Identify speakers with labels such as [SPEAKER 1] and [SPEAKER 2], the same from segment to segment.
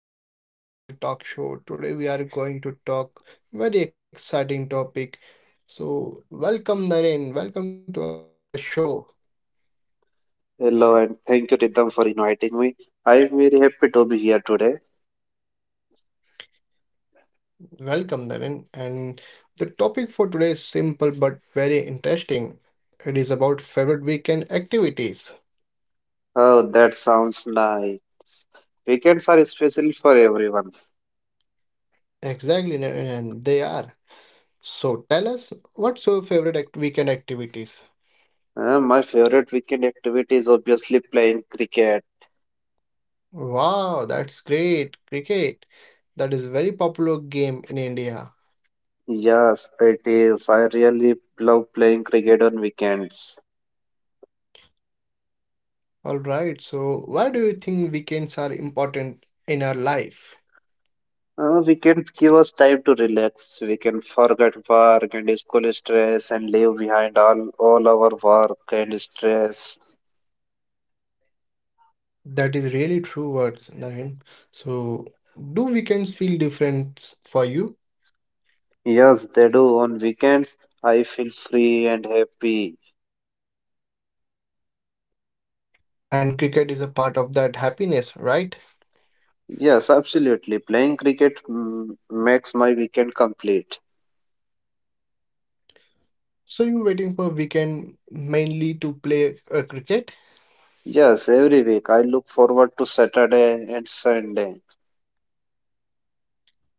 [SPEAKER 1] to our weekend special talk show. Today we are going to talk very exciting topic. So welcome Naren, welcome to our show.
[SPEAKER 2] Hello and thank you, Ritam, for inviting me. I'm very happy to be here today.
[SPEAKER 1] Welcome Naren. And the topic for today is simple but very interesting. It is about favorite weekend activities.
[SPEAKER 2] Oh, that sounds nice. Weekends are special for everyone.
[SPEAKER 1] Exactly Naren, and they are. So tell us what's your weekend activities?
[SPEAKER 2] My favorite weekend activity is obviously playing cricket.
[SPEAKER 1] Wow, that's great. Cricket. That is a very popular game in India.
[SPEAKER 2] Yes, it is. I really love playing cricket on weekends.
[SPEAKER 1] All right, so why do you think weekends are important in our life?
[SPEAKER 2] Weekends give us time to relax. We can forget work and school stress and leave behind all our work and stress.
[SPEAKER 1] That is really true words, Naren. So, do weekends feel different for you?
[SPEAKER 2] Yes, they do. On weekends, I feel free and happy.
[SPEAKER 1] And cricket is a part of that happiness, right?
[SPEAKER 2] Yes, absolutely. Playing cricket makes my weekend complete.
[SPEAKER 1] So you waiting for weekend mainly to play cricket?
[SPEAKER 2] Yes, every week I look forward to Saturday and Sunday.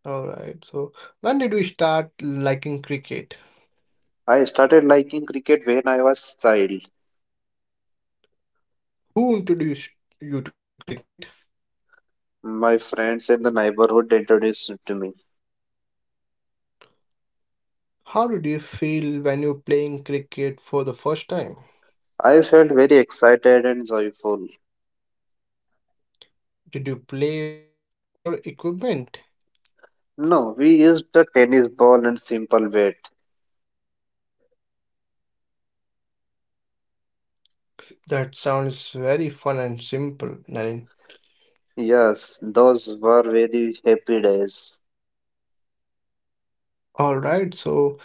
[SPEAKER 1] All right. So when did you start liking cricket?
[SPEAKER 2] I started liking cricket when I was child.
[SPEAKER 1] Who introduced you to cricket?
[SPEAKER 2] My friends in the neighborhood introduced it to me.
[SPEAKER 1] How did you feel when you were playing cricket for the first time?
[SPEAKER 2] I felt very excited and joyful.
[SPEAKER 1] Did you play with proper equipment?
[SPEAKER 2] No, we used the tennis ball and simple bat.
[SPEAKER 1] That sounds very fun and simple, Naren.
[SPEAKER 2] Yes, those were very happy days.
[SPEAKER 1] All right, so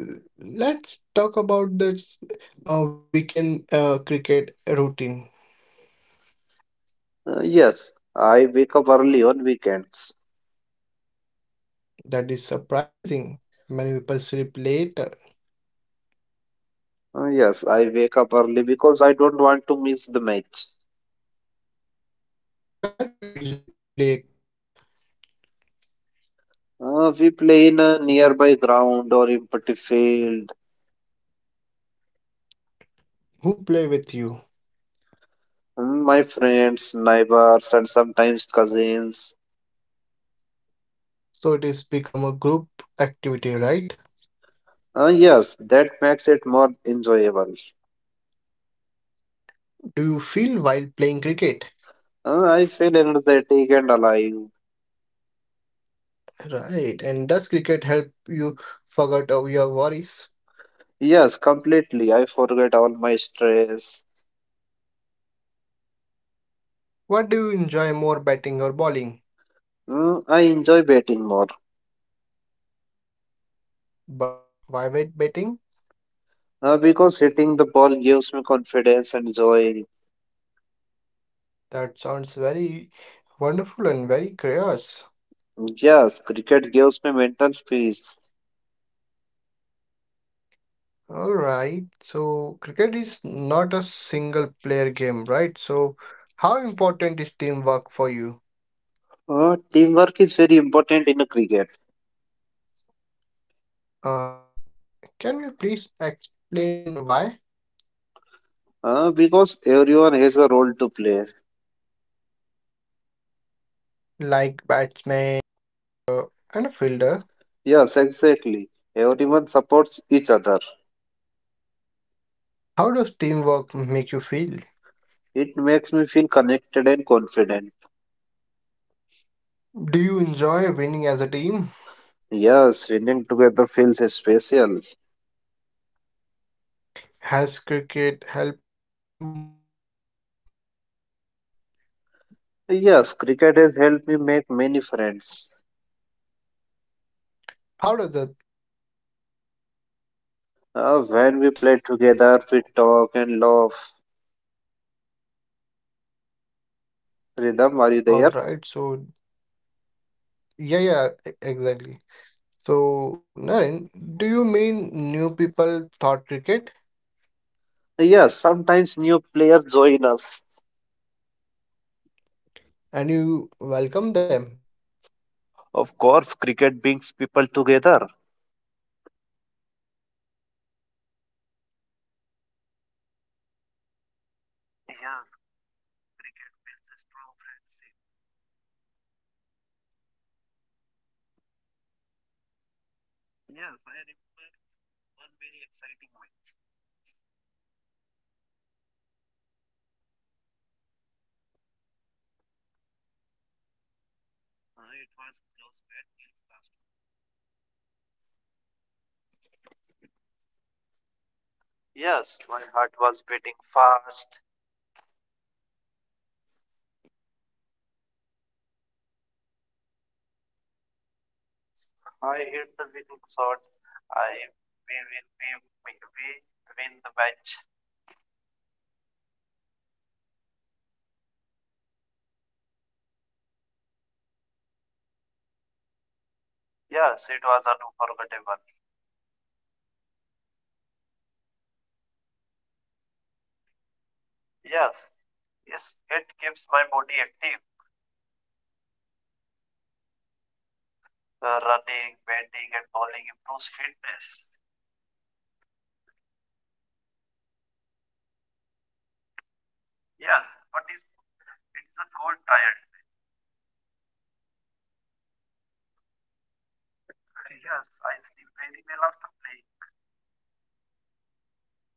[SPEAKER 1] l- let's talk about this weekend cricket routine.
[SPEAKER 2] Yes, I wake up early on weekends.
[SPEAKER 1] That is surprising. Many people sleep later.
[SPEAKER 2] Yes, I wake up early because I don't want to miss the match.
[SPEAKER 1] Where do you usually play cricket?
[SPEAKER 2] We play in a nearby ground or empty field.
[SPEAKER 1] Who play with you?
[SPEAKER 2] My friends, neighbors, and sometimes cousins.
[SPEAKER 1] So it is become a group activity, right?
[SPEAKER 2] Yes, that makes it more enjoyable.
[SPEAKER 1] Do you feel while playing cricket?
[SPEAKER 2] I feel energetic and alive.
[SPEAKER 1] Right. And does cricket help you forget of your worries?
[SPEAKER 2] Yes, completely. I forget all my stress.
[SPEAKER 1] What do you enjoy more, batting or bowling?
[SPEAKER 2] I enjoy batting more
[SPEAKER 1] But why wait betting?
[SPEAKER 2] because hitting the ball gives me confidence and joy.
[SPEAKER 1] That sounds very wonderful and very curious.
[SPEAKER 2] Yes, cricket gives me mental peace.
[SPEAKER 1] All right. So, cricket is not a single player game, right? So, how important is teamwork for you?
[SPEAKER 2] Teamwork is very important in cricket
[SPEAKER 1] Uh, can you please explain why?
[SPEAKER 2] because everyone has a role to play.
[SPEAKER 1] Like batsman, bowler, and a fielder,
[SPEAKER 2] Yes, exactly. Everyone supports each other.
[SPEAKER 1] how does teamwork make you feel?
[SPEAKER 2] It makes me feel connected and confident.
[SPEAKER 1] Do you enjoy winning as a team?
[SPEAKER 2] Yes, winning together feels special.
[SPEAKER 1] Has cricket helped you make a friend?
[SPEAKER 2] Yes, cricket has helped me make many friends.
[SPEAKER 1] How does that happen?
[SPEAKER 2] When we play together, we talk and laugh. Rhythm, are you
[SPEAKER 1] All
[SPEAKER 2] there?
[SPEAKER 1] right. So, yeah, yeah, exactly. So, Naren, do you mean new people thought cricket
[SPEAKER 2] Yes, sometimes new players join us.
[SPEAKER 1] and you welcome them?
[SPEAKER 2] Of course, cricket brings people together.
[SPEAKER 1] That is a nice thought, Naren.
[SPEAKER 2] Yes,
[SPEAKER 1] Do you remember any special weekend match?
[SPEAKER 2] yes, I remember one very exciting win.
[SPEAKER 1] Alright, so what made it special?
[SPEAKER 2] It was close at last.
[SPEAKER 1] Where are you nervous?
[SPEAKER 2] Yes, my heart was beating fast.
[SPEAKER 1] Alright, so what happened in the end?
[SPEAKER 2] I hit the winning shot. I we will We win the match.
[SPEAKER 1] Alright, that must have felt amazing, right?
[SPEAKER 2] Yes, it was unforgettable.
[SPEAKER 1] Does playing cricket help you healthy or health?
[SPEAKER 2] Yes, yes, it keeps my body active.
[SPEAKER 1] In what way?
[SPEAKER 2] Running, bending, and bowling improves fitness.
[SPEAKER 1] Do you feel tired after playing?
[SPEAKER 2] Yes, but it's a cold tired.
[SPEAKER 1] Does it help you sleep better?
[SPEAKER 2] Yes, I sleep very well after playing.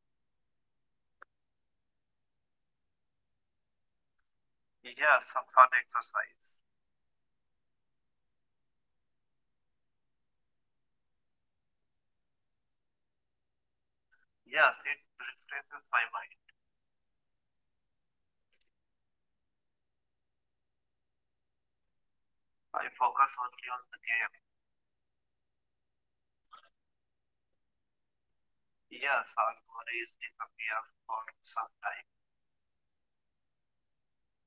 [SPEAKER 1] So, cricket is like exercise, right?
[SPEAKER 2] Yes, some fun exercise.
[SPEAKER 1] All right. So, what about your mind? Does cricket help mentally?
[SPEAKER 2] Yes, it refreshes my mind.
[SPEAKER 1] How does it do that?
[SPEAKER 2] I focus only on the game.
[SPEAKER 1] So, you forgot daily problems, right?
[SPEAKER 2] Yes, all worries disappear for some time.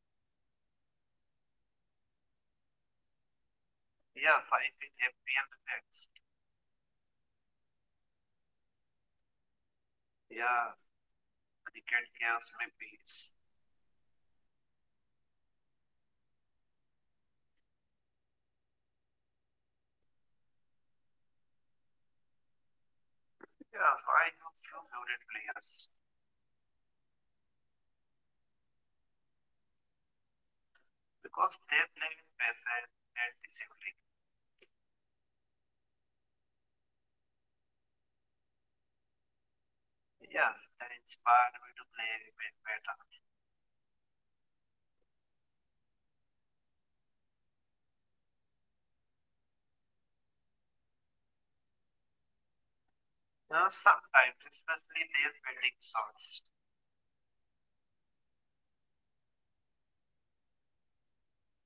[SPEAKER 1] Does it does it improve your mood?
[SPEAKER 2] Yes, I feel happy and relaxed.
[SPEAKER 1] That is a powerful sport, right?
[SPEAKER 2] Yes, cricket gives me peace.
[SPEAKER 1] All right. So, do you have any favorite cricketer players?
[SPEAKER 2] Yes, I have few favorite players
[SPEAKER 1] Why do you like them?
[SPEAKER 2] because they play with patience and discipline.
[SPEAKER 1] Do they inspire you, right?
[SPEAKER 2] Yes, they inspire me to play a bit better.
[SPEAKER 1] All right. So, do you try to copy their style or not?
[SPEAKER 2] Sometimes, especially their wedding songs.
[SPEAKER 1] That is common among a cricket lover, right?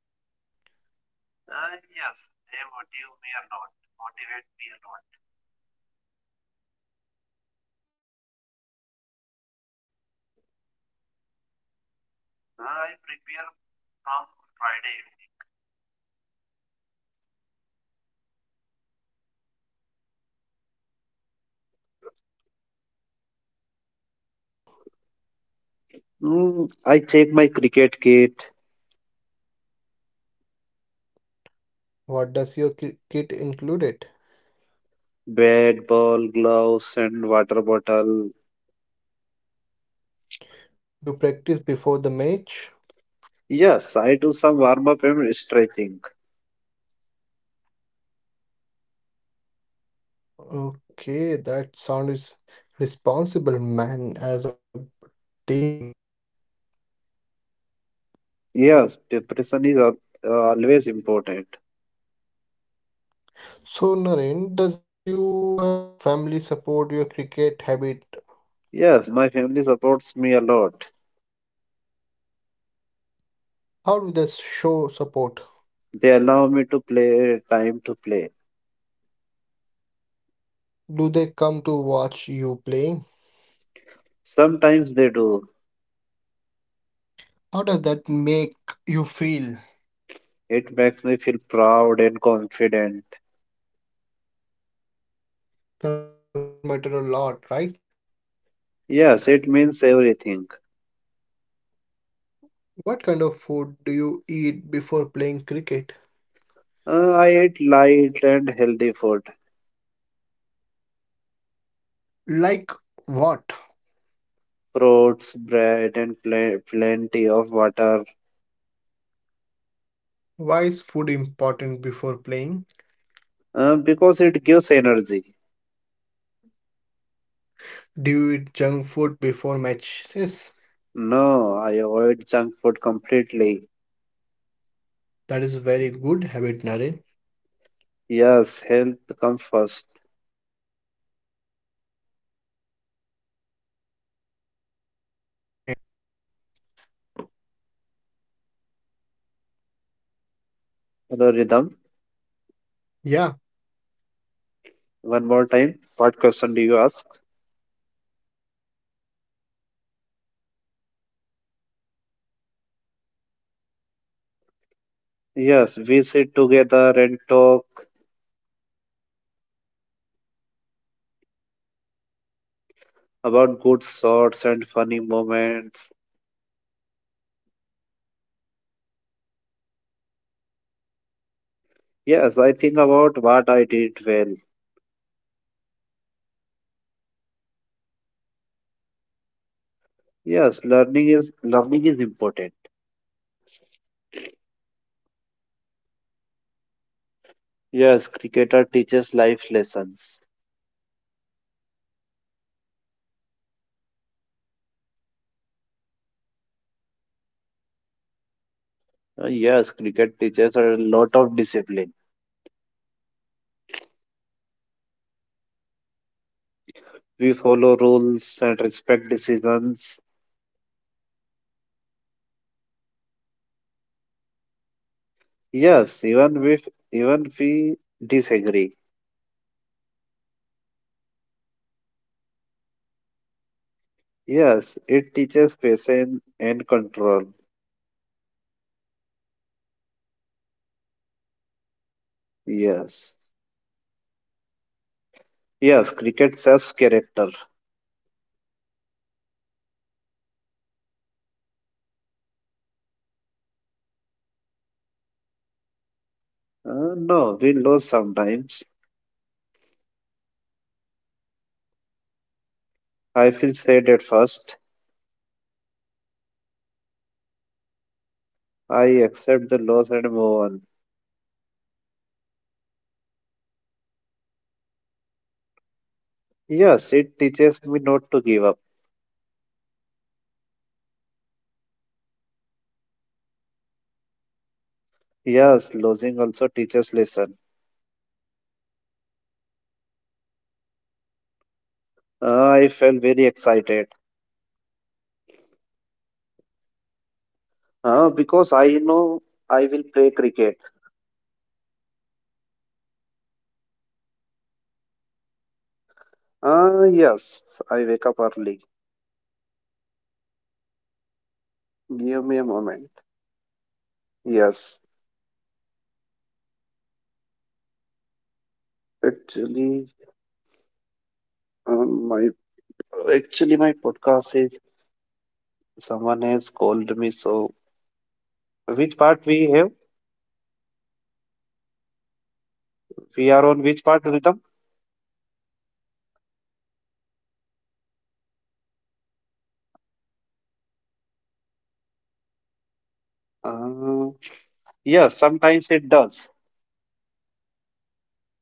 [SPEAKER 2] Yes, they motive me a lot, Motivate me a lot.
[SPEAKER 1] How do you prepare for a weekend cricket match?
[SPEAKER 2] I prepare from Friday
[SPEAKER 1] Okay, so what do you do first?
[SPEAKER 2] evening. I take my cricket kit,
[SPEAKER 1] What does your kit include it?
[SPEAKER 2] bat, ball, gloves, and water bottle.
[SPEAKER 1] Do you practice before the match?
[SPEAKER 2] Yes, I do some warm up and stretching.
[SPEAKER 1] Okay, that sound is responsible man as a team.
[SPEAKER 2] Yes, preparation is always important.
[SPEAKER 1] So Naren, does your family support your cricket habit?
[SPEAKER 2] Yes, my family supports me a lot.
[SPEAKER 1] How do they show support?
[SPEAKER 2] They allow me to play time to play.
[SPEAKER 1] Do they come to watch you play?
[SPEAKER 2] Sometimes they do.
[SPEAKER 1] How does that make you feel?
[SPEAKER 2] It makes me feel proud and confident.
[SPEAKER 1] Family support matter a lot, right?
[SPEAKER 2] Yes, it means everything.
[SPEAKER 1] What kind of food do you eat before playing cricket?
[SPEAKER 2] I eat light and healthy food,
[SPEAKER 1] Like what?
[SPEAKER 2] fruits, bread, and plenty of water
[SPEAKER 1] Why is food important before playing?
[SPEAKER 2] because it gives energy.
[SPEAKER 1] Do you eat junk food before matches?
[SPEAKER 2] No, I avoid junk food completely.
[SPEAKER 1] That is a very good habit, Naren.
[SPEAKER 2] Yes, health comes first.
[SPEAKER 1] What do you do after the match end?
[SPEAKER 2] Hello, Rhythm.
[SPEAKER 1] Yeah,
[SPEAKER 2] One more time. What question do you ask?
[SPEAKER 1] Naren, my question is, what do you do after the match end?
[SPEAKER 2] Yes, we sit together and talk
[SPEAKER 1] What do you talk about?
[SPEAKER 2] about good thoughts and funny moments.
[SPEAKER 1] So, do you analyze your performance
[SPEAKER 2] Yes, I think about what I did well.
[SPEAKER 1] and what you can improve?
[SPEAKER 2] Yes, learning is important.
[SPEAKER 1] That shows a maturity, man.
[SPEAKER 2] Yes, cricketer teaches life lessons.
[SPEAKER 1] Exactly. And do you think cricket teaches discipline or not?
[SPEAKER 2] Yes, cricket teaches a lot of discipline.
[SPEAKER 1] How does it do that?
[SPEAKER 2] We follow rules and respect decisions.
[SPEAKER 1] Like following the empire,
[SPEAKER 2] Yes, even if we disagree.
[SPEAKER 1] does that help in real life too?
[SPEAKER 2] Yes, it teaches patience and control.
[SPEAKER 1] That is an important lesson, right?
[SPEAKER 2] Yes. Yes, cricket serves character.
[SPEAKER 1] Exactly. And Naren, do you always win when you play cricket?
[SPEAKER 2] No, we lose sometimes.
[SPEAKER 1] How do you feel after losing?
[SPEAKER 2] I feel sad at first.
[SPEAKER 1] Then what do you?
[SPEAKER 2] I accept the loss and move on.
[SPEAKER 1] Does cricket help you handle failure?
[SPEAKER 2] Yes, it teaches me not to give up.
[SPEAKER 1] That is very very positive thing, Naren.
[SPEAKER 2] Yes, losing also teaches lesson.
[SPEAKER 1] How do you feel on weekend morning?
[SPEAKER 2] I felt very excited
[SPEAKER 1] Why is that?
[SPEAKER 2] because I know I will play cricket.
[SPEAKER 1] So do you wake up earlier?
[SPEAKER 2] Yes, I wake up early.
[SPEAKER 1] That show your
[SPEAKER 2] Give me a moment.
[SPEAKER 1] patience. All
[SPEAKER 2] Yes,
[SPEAKER 1] right.
[SPEAKER 2] actually, um, my my podcast is someone has called me. So which part we have? We
[SPEAKER 1] Now
[SPEAKER 2] are on
[SPEAKER 1] it's
[SPEAKER 2] which part, Rhythm?
[SPEAKER 1] 19. 19 I started. So my question is, does weather affect your cricket plan?
[SPEAKER 2] Uh, yes, sometimes it does.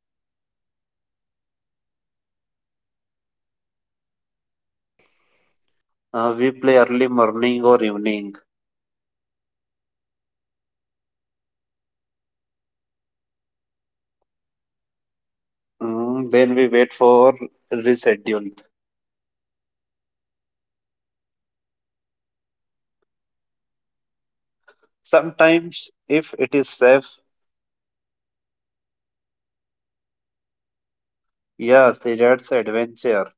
[SPEAKER 1] All right. So what if it's too hot?
[SPEAKER 2] We play early morning or evening.
[SPEAKER 1] What if it rains?
[SPEAKER 2] Then we wait for reschedule.
[SPEAKER 1] So, do you ever play in a light rain?
[SPEAKER 2] Sometimes, if it is safe,
[SPEAKER 1] That sounds fun.
[SPEAKER 2] yes, that's adventure.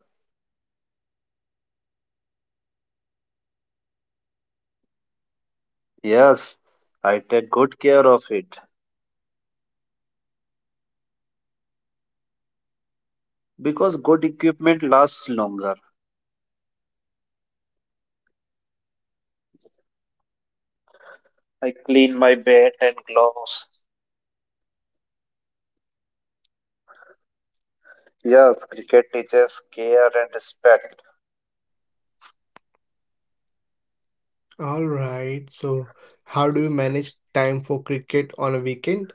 [SPEAKER 1] So, do you take care of your cricket equipment?
[SPEAKER 2] Yes, I take good care of it
[SPEAKER 1] Why is that so important?
[SPEAKER 2] because good equipment lasts longer.
[SPEAKER 1] What do you do after playing?
[SPEAKER 2] I clean my bat and gloves.
[SPEAKER 1] That shows responsibilities.
[SPEAKER 2] Yes, cricket teaches care and respect.
[SPEAKER 1] Alright, so how do you manage time for cricket on a weekend?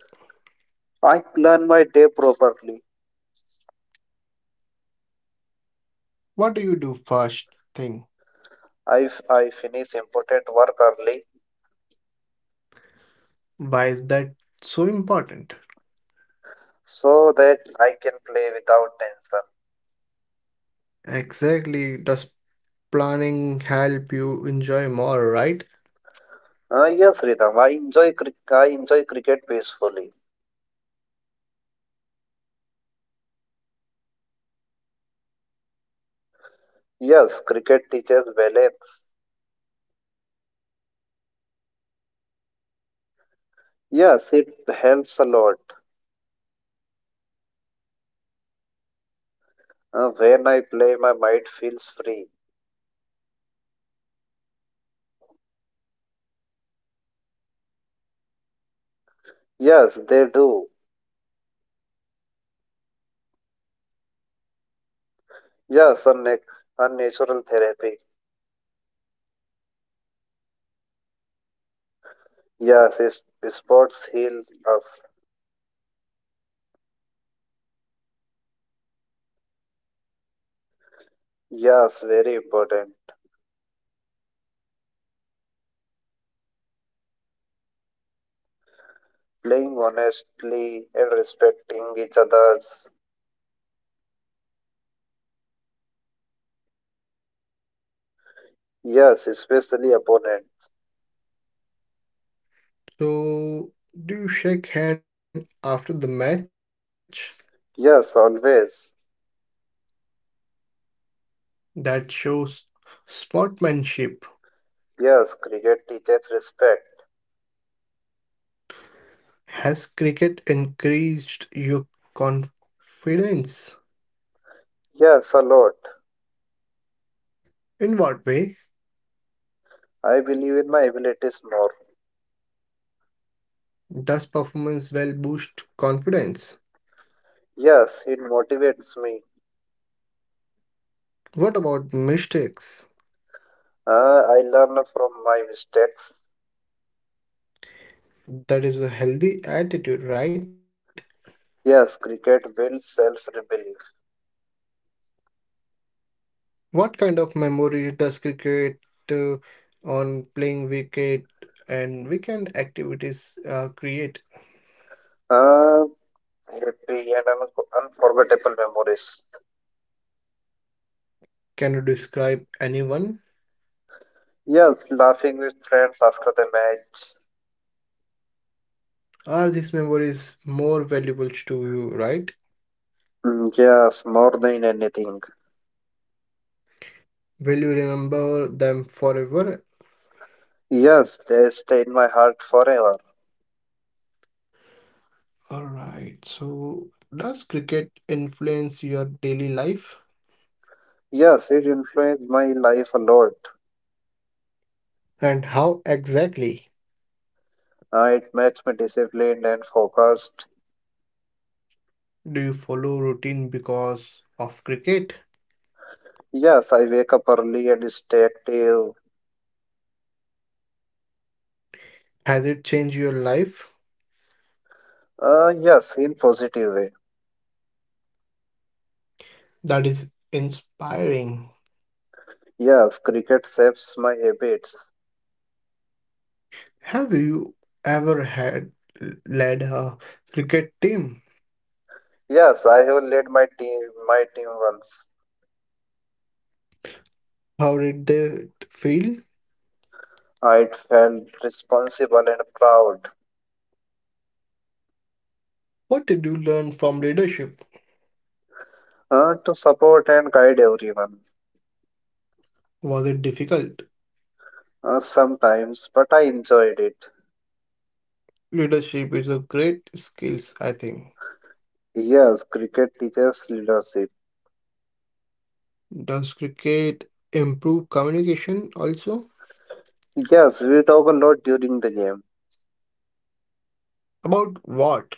[SPEAKER 2] I plan my day properly.
[SPEAKER 1] What do you do first thing?
[SPEAKER 2] I finish important work early
[SPEAKER 1] Why is that so important?
[SPEAKER 2] so that I can play without tension.
[SPEAKER 1] Exactly, does planning help you enjoy more, right?
[SPEAKER 2] Yes, Ritam, I enjoy cricket peacefully.
[SPEAKER 1] Time management is a good skill, right?
[SPEAKER 2] Yes, cricket teaches balance.
[SPEAKER 1] Does cricket help your days stress?
[SPEAKER 2] Yes, it helps a lot.
[SPEAKER 1] How exactly?
[SPEAKER 2] When I play, my mind feels free.
[SPEAKER 1] Do problems feel small then?
[SPEAKER 2] Yes, they do.
[SPEAKER 1] So cricket act like therapy.
[SPEAKER 2] Yes, unnatural therapy.
[SPEAKER 1] This is wonderful.
[SPEAKER 2] Yes, sports heals us.
[SPEAKER 1] Is a fair play important in cricket, right?
[SPEAKER 2] Yes, very important.
[SPEAKER 1] So what does fair play means to you?
[SPEAKER 2] Playing honestly and respecting each other's.
[SPEAKER 1] Even opponent, right?
[SPEAKER 2] Yes, especially opponent.
[SPEAKER 1] So do you shake hand after the match?
[SPEAKER 2] Yes, always.
[SPEAKER 1] That shows sportsmanship.
[SPEAKER 2] Yes, cricket teaches respect.
[SPEAKER 1] Has cricket increased your confidence?
[SPEAKER 2] Yes, a lot.
[SPEAKER 1] In what way
[SPEAKER 2] I believe in my abilities more.
[SPEAKER 1] does performance well boost confidence?
[SPEAKER 2] Yes, it motivates me.
[SPEAKER 1] What about mistakes?
[SPEAKER 2] I learn from my mistakes.
[SPEAKER 1] That is a healthy attitude, right?
[SPEAKER 2] Yes, cricket builds self-belief.
[SPEAKER 1] What kind of memories does cricket uh, on playing wicket and weekend activities create?
[SPEAKER 2] Uh, Happy and unforgettable memories.
[SPEAKER 1] Can you describe anyone?
[SPEAKER 2] Yes, laughing with friends after the match.
[SPEAKER 1] Are these memories more valuable to you, right?
[SPEAKER 2] Yes, more than anything.
[SPEAKER 1] Will you remember them forever?
[SPEAKER 2] Yes, they stay in my heart forever.
[SPEAKER 1] All right. So, does cricket influence your daily life?
[SPEAKER 2] Yes, it influenced my life a lot.
[SPEAKER 1] And how exactly
[SPEAKER 2] It makes me disciplined and focused.
[SPEAKER 1] do you follow routine because of cricket?
[SPEAKER 2] Yes, I wake up early and stay active.
[SPEAKER 1] Has it changed your life?
[SPEAKER 2] Yes, in positive way.
[SPEAKER 1] That is inspiring.
[SPEAKER 2] Yes, cricket shapes my habits.
[SPEAKER 1] Have you ever had led a cricket team?
[SPEAKER 2] Yes, I have led my team once.
[SPEAKER 1] How did they feel?
[SPEAKER 2] I felt responsible and proud
[SPEAKER 1] What did you learn from leadership?
[SPEAKER 2] to support and guide everyone.
[SPEAKER 1] Was it difficult?
[SPEAKER 2] Sometimes, but I enjoyed it.
[SPEAKER 1] Leadership is a great skills, I think.
[SPEAKER 2] Yes, cricket teaches leadership.
[SPEAKER 1] Does cricket improve communication also?
[SPEAKER 2] Yes, we talk a lot during the game.
[SPEAKER 1] About what?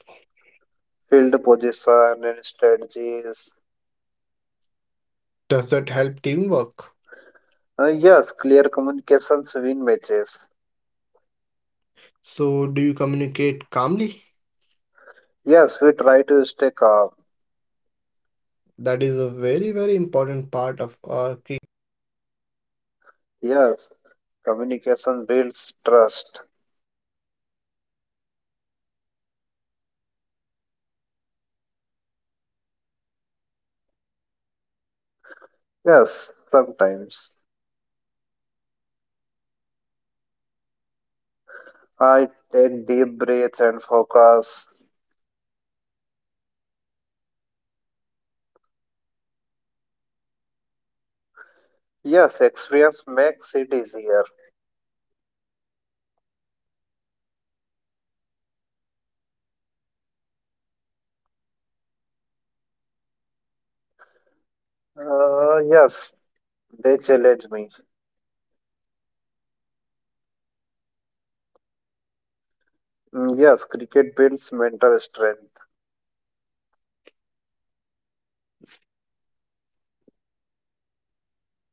[SPEAKER 2] Field position and strategies.
[SPEAKER 1] Does that help teamwork?
[SPEAKER 2] Yes, clear communications win matches.
[SPEAKER 1] So, do you communicate calmly?
[SPEAKER 2] Yes, we try to stay calm.
[SPEAKER 1] That is a very, very important part of our cricket match, right?
[SPEAKER 2] Yes, communication builds trust.
[SPEAKER 1] Exactly. So, Naren, do you feel pressure during important matches?
[SPEAKER 2] Yes, sometimes.
[SPEAKER 1] So, how do you handle it?
[SPEAKER 2] I take deep breaths and focus.
[SPEAKER 1] Does explain me experience help, right?
[SPEAKER 2] Yes, experience makes it easier.
[SPEAKER 1] Exactly. So, do you enjoy pressure moment?
[SPEAKER 2] Yes, they challenge me.
[SPEAKER 1] That shows your confidence, right?
[SPEAKER 2] Yes, cricket builds mental strength.
[SPEAKER 1] So is weekend cricket only about winning?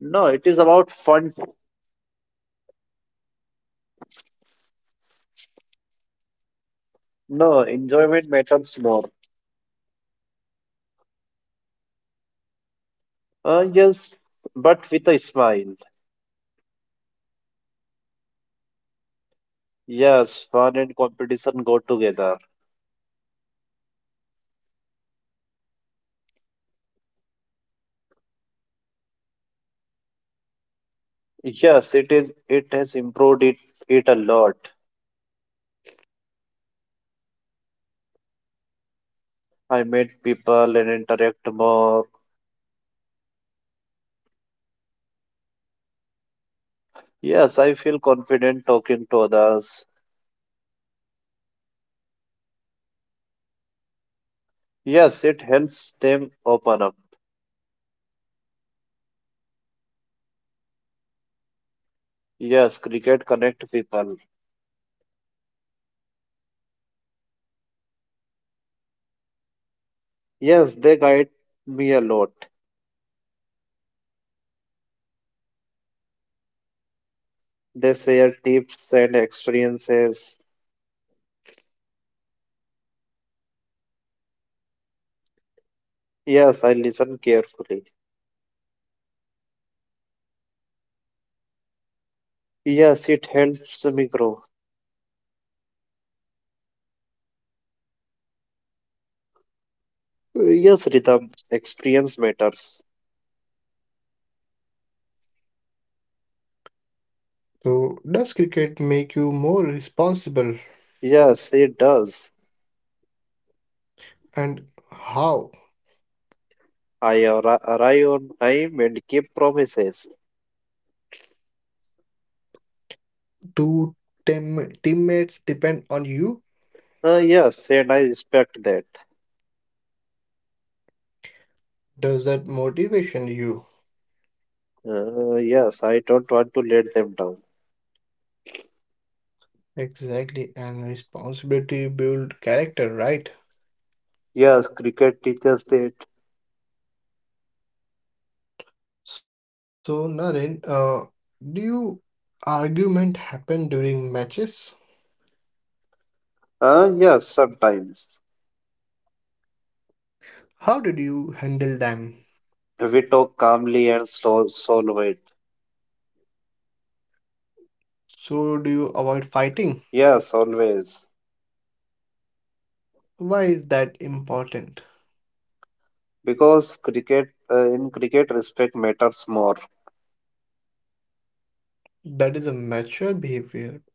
[SPEAKER 2] No, it is about fun.
[SPEAKER 1] So winning is not everything.
[SPEAKER 2] No, enjoyment matters more.
[SPEAKER 1] Do you play seriously?
[SPEAKER 2] Yes, but with a smile.
[SPEAKER 1] That is a good balance, Naren.
[SPEAKER 2] Yes, fun and competition go together.
[SPEAKER 1] All right. So has cricket improved your social life too?
[SPEAKER 2] Yes, it is. It has improved it a lot.
[SPEAKER 1] But in what way?
[SPEAKER 2] I meet people and interact more.
[SPEAKER 1] Do you feel more open now?
[SPEAKER 2] Yes, I feel confident talking to others.
[SPEAKER 1] Does cricket help shy people?
[SPEAKER 2] Yes, it helps them open up.
[SPEAKER 1] That is wonderful.
[SPEAKER 2] Yes, cricket connect people.
[SPEAKER 1] Do senior players guide you?
[SPEAKER 2] Yes, they guide me a lot.
[SPEAKER 1] What kind of guidance do they give?
[SPEAKER 2] They share tips and experiences.
[SPEAKER 1] Do you respect their advices?
[SPEAKER 2] Yes, I listen carefully.
[SPEAKER 1] Does that improve your game or not?
[SPEAKER 2] Yes, it helps me grow.
[SPEAKER 1] Learning from seniors is valuable, right?
[SPEAKER 2] Yes, rhythm, experience matters.
[SPEAKER 1] So, does cricket make you more responsible?
[SPEAKER 2] Yes, it does.
[SPEAKER 1] And how?
[SPEAKER 2] I arrive on time and keep promises.
[SPEAKER 1] Do teammates depend on you?
[SPEAKER 2] Yes, and I respect that.
[SPEAKER 1] Does that motivation you?
[SPEAKER 2] Yes, I don't want to let them down.
[SPEAKER 1] Exactly, and responsibility build character, right?
[SPEAKER 2] Yes, cricket teaches that.
[SPEAKER 1] So, Naren, do you argument happen during matches?
[SPEAKER 2] Yes, sometimes.
[SPEAKER 1] How did you handle them?
[SPEAKER 2] We talk calmly and slow, soul.
[SPEAKER 1] So, do you avoid fighting?
[SPEAKER 2] Yes, always.
[SPEAKER 1] Why is that important?
[SPEAKER 2] Because cricket, in cricket, respect matters more.
[SPEAKER 1] That is a mature behavior.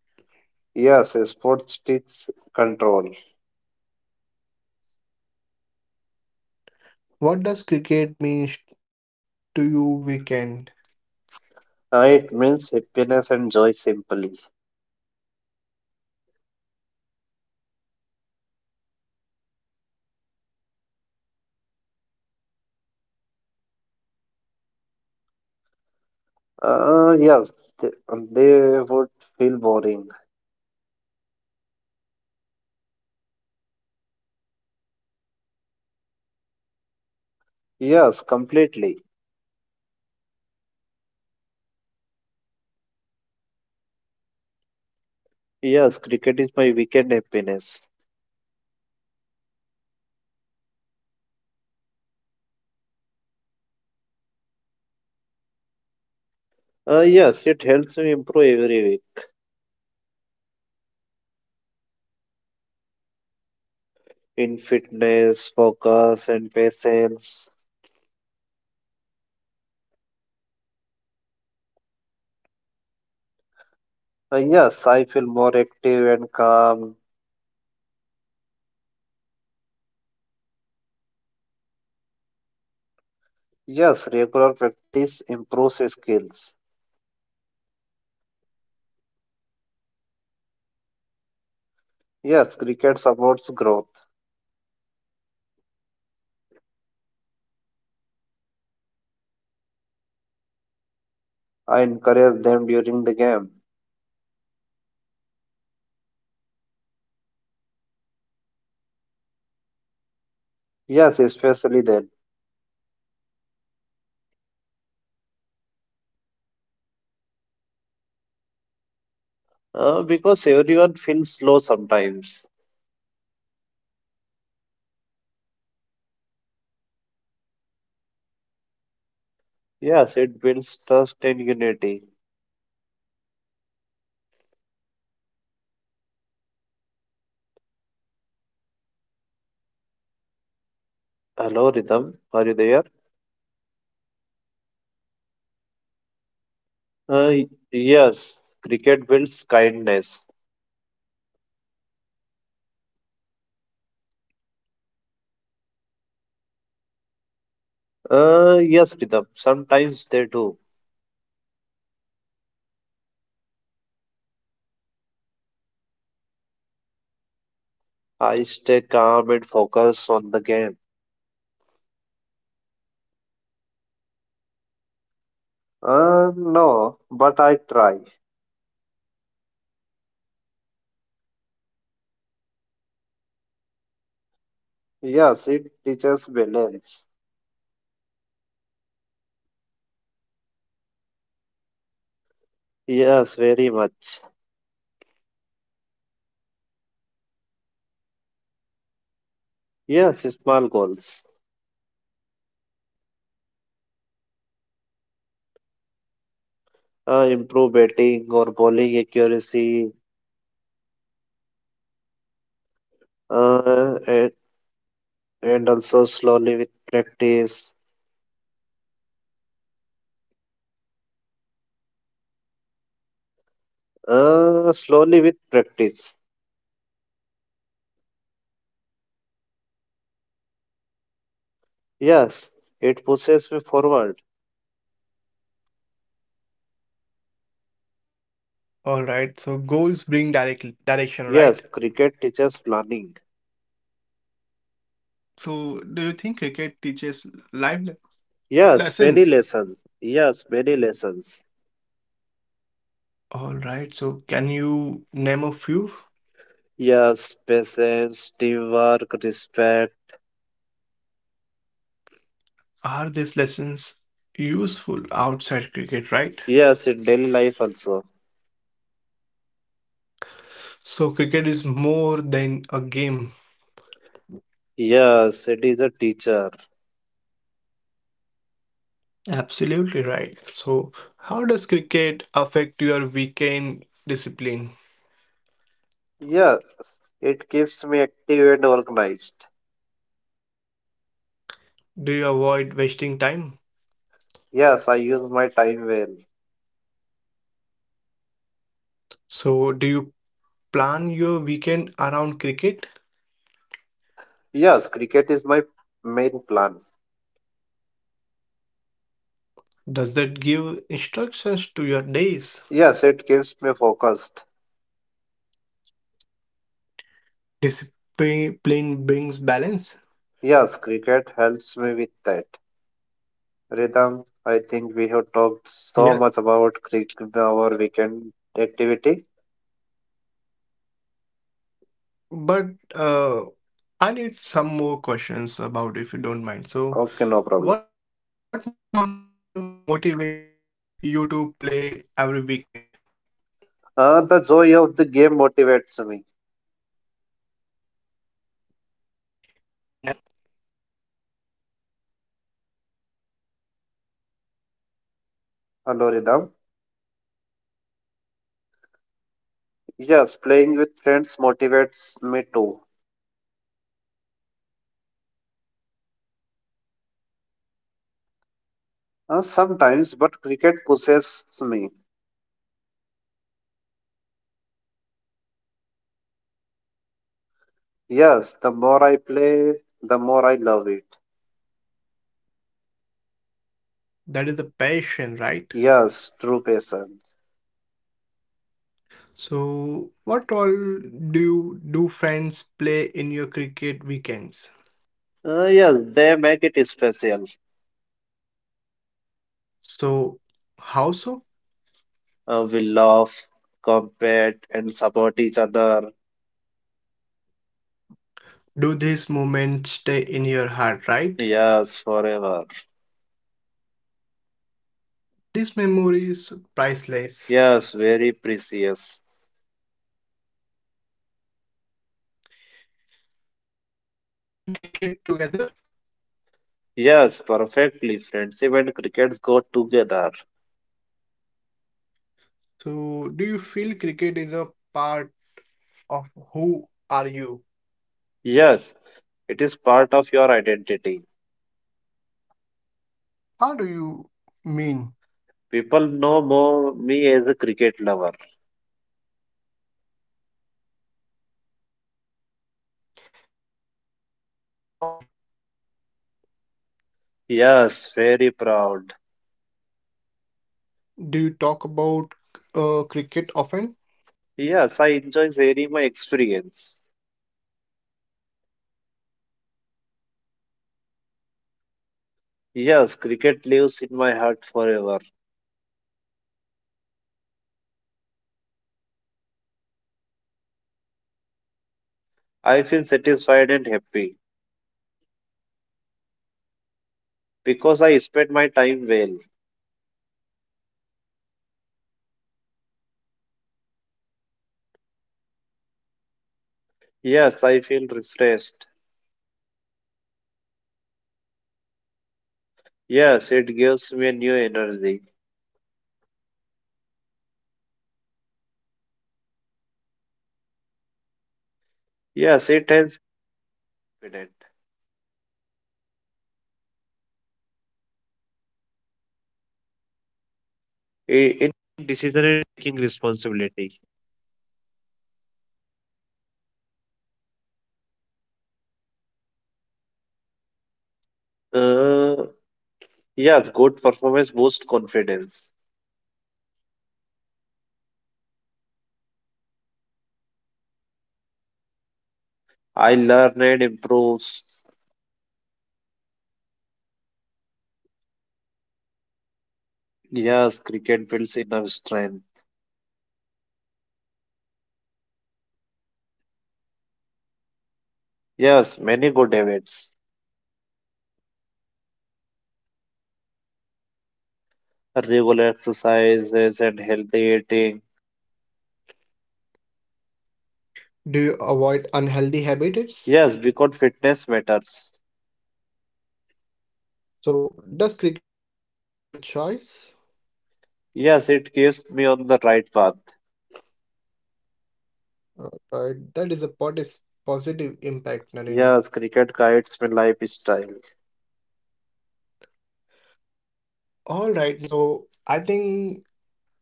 [SPEAKER 2] Yes, sports teaches control.
[SPEAKER 1] What does cricket mean to you weekend?
[SPEAKER 2] It means happiness and joy simply.
[SPEAKER 1] Alright. So, would weekend feel empty without cricket?
[SPEAKER 2] Yes, they, they would feel boring.
[SPEAKER 1] So, cricket complete your weekend?
[SPEAKER 2] Yes, completely.
[SPEAKER 1] That shows true love for the game, right?
[SPEAKER 2] Yes, cricket is my weekend happiness.
[SPEAKER 1] Exactly. So, do you feel cricket help you improve yourself?
[SPEAKER 2] Yes, it helps me improve every week
[SPEAKER 1] In what areas?
[SPEAKER 2] in fitness, focus, and patience.
[SPEAKER 1] Alright, so do you notice changes in your life?
[SPEAKER 2] Yes, I feel more active and calm.
[SPEAKER 1] Does practice make a difference?
[SPEAKER 2] Yes, regular practice improves skills.
[SPEAKER 1] Self improvement is important.
[SPEAKER 2] Yes, cricket supports growth.
[SPEAKER 1] Alright, so how do you support your teammates
[SPEAKER 2] I encourage them during the game.
[SPEAKER 1] even when they make mistakes?
[SPEAKER 2] Yes, especially then.
[SPEAKER 1] Why is encouragement important?
[SPEAKER 2] Because everyone feels slow sometimes.
[SPEAKER 1] Does it improve team spirits?
[SPEAKER 2] Yes, it builds trust and unity.
[SPEAKER 1] That is a leadership quality, right?
[SPEAKER 2] Hello, Rhythm. Are you there?
[SPEAKER 1] Yeah, yeah, exactly. That is a leadership
[SPEAKER 2] Uh, y-
[SPEAKER 1] quality, Dharan. I'm
[SPEAKER 2] yes,
[SPEAKER 1] asking you.
[SPEAKER 2] cricket builds kindness.
[SPEAKER 1] So, do emotions run high during matches?
[SPEAKER 2] Yes, Rhythm. Sometimes they do.
[SPEAKER 1] How did you control emotion?
[SPEAKER 2] I stay calm and focus on the game.
[SPEAKER 1] Is it easy?
[SPEAKER 2] No, but I try.
[SPEAKER 1] All right. So does cricket team emotional control, right?
[SPEAKER 2] Yes, it teaches balance.
[SPEAKER 1] That helps in life too, right?
[SPEAKER 2] Yes, very much.
[SPEAKER 1] So do you set goals in cricket?
[SPEAKER 2] Yes, small goals.
[SPEAKER 1] Like what?
[SPEAKER 2] Improve batting or bowling accuracy, uh,
[SPEAKER 1] All
[SPEAKER 2] and,
[SPEAKER 1] right.
[SPEAKER 2] and also slowly with practice.
[SPEAKER 1] So Naren, do you achieve them?
[SPEAKER 2] Slowly with practice.
[SPEAKER 1] Does goal setting motivated you?
[SPEAKER 2] Yes, it pushes me forward.
[SPEAKER 1] All right. So goals bring direct direction,
[SPEAKER 2] Yes,
[SPEAKER 1] right?
[SPEAKER 2] cricket teaches planning.
[SPEAKER 1] So do you think cricket teaches life le-
[SPEAKER 2] Yes, many
[SPEAKER 1] lessons?
[SPEAKER 2] lessons. Yes, many lessons.
[SPEAKER 1] All right. So, can you name a few?
[SPEAKER 2] Yes, patience, teamwork, respect.
[SPEAKER 1] Are these lessons useful outside cricket, right?
[SPEAKER 2] Yes, in daily life also.
[SPEAKER 1] So, cricket is more than a game.
[SPEAKER 2] Yes, it is a teacher.
[SPEAKER 1] Absolutely right. So, how does cricket affect your weekend discipline?
[SPEAKER 2] Yes, it keeps me active and organized.
[SPEAKER 1] Do you avoid wasting time?
[SPEAKER 2] Yes, I use my time well.
[SPEAKER 1] So, do you plan your weekend around cricket?
[SPEAKER 2] Yes, cricket is my main plan.
[SPEAKER 1] Does that give instructions to your days?
[SPEAKER 2] Yes, it keeps me focused.
[SPEAKER 1] Discipline brings balance.
[SPEAKER 2] Yes, cricket helps me with that. Rhythm, I think we have talked so
[SPEAKER 1] Yes.
[SPEAKER 2] much about cricket, our weekend activity.
[SPEAKER 1] But I need some more questions about if you don't mind. So,
[SPEAKER 2] Okay, no problem.
[SPEAKER 1] what motivations you to play every weekend?
[SPEAKER 2] The joy of the game motivates me.
[SPEAKER 1] And anything else?
[SPEAKER 2] Hello, Rhythm.
[SPEAKER 1] Anything anything else?
[SPEAKER 2] Yes, playing with friends motivates me too.
[SPEAKER 1] So, do you feel ever feel lazy?
[SPEAKER 2] Sometimes, but cricket pushes me.
[SPEAKER 1] Does motivations grow over time?
[SPEAKER 2] Yes, the more I play, the more I love it.
[SPEAKER 1] That is a passion, right?
[SPEAKER 2] Yes, true passion.
[SPEAKER 1] So, what all do you do friends play in your cricket weekends?
[SPEAKER 2] Yes, they make it special.
[SPEAKER 1] So, how so?
[SPEAKER 2] We laugh, compete, and support each other.
[SPEAKER 1] Do these moments stay in your heart, right?
[SPEAKER 2] Yes, forever.
[SPEAKER 1] This memory is priceless.
[SPEAKER 2] Yes, very precious.
[SPEAKER 1] Friendship and cricket together.
[SPEAKER 2] Yes, perfectly. Friendship and cricket go together.
[SPEAKER 1] So, do you feel cricket is a part of who are you?
[SPEAKER 2] Yes, it is part of your identity.
[SPEAKER 1] How do you mean?
[SPEAKER 2] People know more me as a cricket lover.
[SPEAKER 1] Does that make you proud?
[SPEAKER 2] Yes, very proud.
[SPEAKER 1] Do you talk about cricket often?
[SPEAKER 2] Yes, I enjoy sharing my experience.
[SPEAKER 1] That shows deep connection, right?
[SPEAKER 2] Yes, cricket lives in my heart forever.
[SPEAKER 1] So, how do you feel at the end of cricket weekend?
[SPEAKER 2] I feel satisfied and happy.
[SPEAKER 1] Why satisfied?
[SPEAKER 2] Because I spend my time well.
[SPEAKER 1] All right, so does it prepare you for the weekend ahead, right?
[SPEAKER 2] Yes, I feel refreshed.
[SPEAKER 1] So cricket help you reset?
[SPEAKER 2] Yes, it gives me a new energy.
[SPEAKER 1] Has playing cricket changed how you see yourself?
[SPEAKER 2] Yes, it has.
[SPEAKER 1] In what situation? Does performance on the field matter?
[SPEAKER 2] Uh, yes, good performance boosts confidence.
[SPEAKER 1] All right, so what about bad days?
[SPEAKER 2] I learn and improves.
[SPEAKER 1] That is a strong mindset, and I think.
[SPEAKER 2] Yes, cricket builds inner strength.
[SPEAKER 1] Has cricket help you build good habits or
[SPEAKER 2] Yes,
[SPEAKER 1] not?
[SPEAKER 2] many good habits.
[SPEAKER 1] Like, what kind of good habits?
[SPEAKER 2] Regular exercises and healthy eating.
[SPEAKER 1] Do you avoid unhealthy habits?
[SPEAKER 2] Yes, because fitness matters.
[SPEAKER 1] So, does cricket influence your choice?
[SPEAKER 2] Yes, it keeps me on the right path.
[SPEAKER 1] Right, that is a pot- is positive impact, Naren.
[SPEAKER 2] Yes, cricket guides my lifestyle.
[SPEAKER 1] All right, Naren. So, I think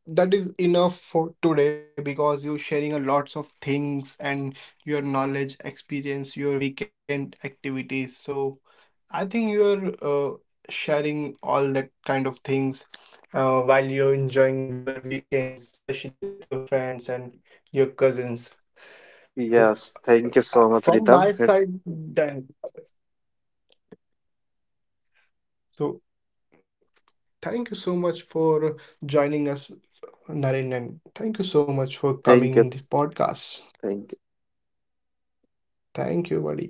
[SPEAKER 1] that is enough for today because you're sharing a lots of things and your knowledge experience your weekend activities so I think you're sharing all that kind of things while you're enjoying your weekends especially with your friends and your cousins so
[SPEAKER 2] Yes, thank you so much,
[SPEAKER 1] from
[SPEAKER 2] Ritam.
[SPEAKER 1] my side done so thank you so much for joining us naren and thank you so much for coming
[SPEAKER 2] Thank
[SPEAKER 1] in
[SPEAKER 2] you.
[SPEAKER 1] this podcast
[SPEAKER 2] Thank you.
[SPEAKER 1] thank you buddy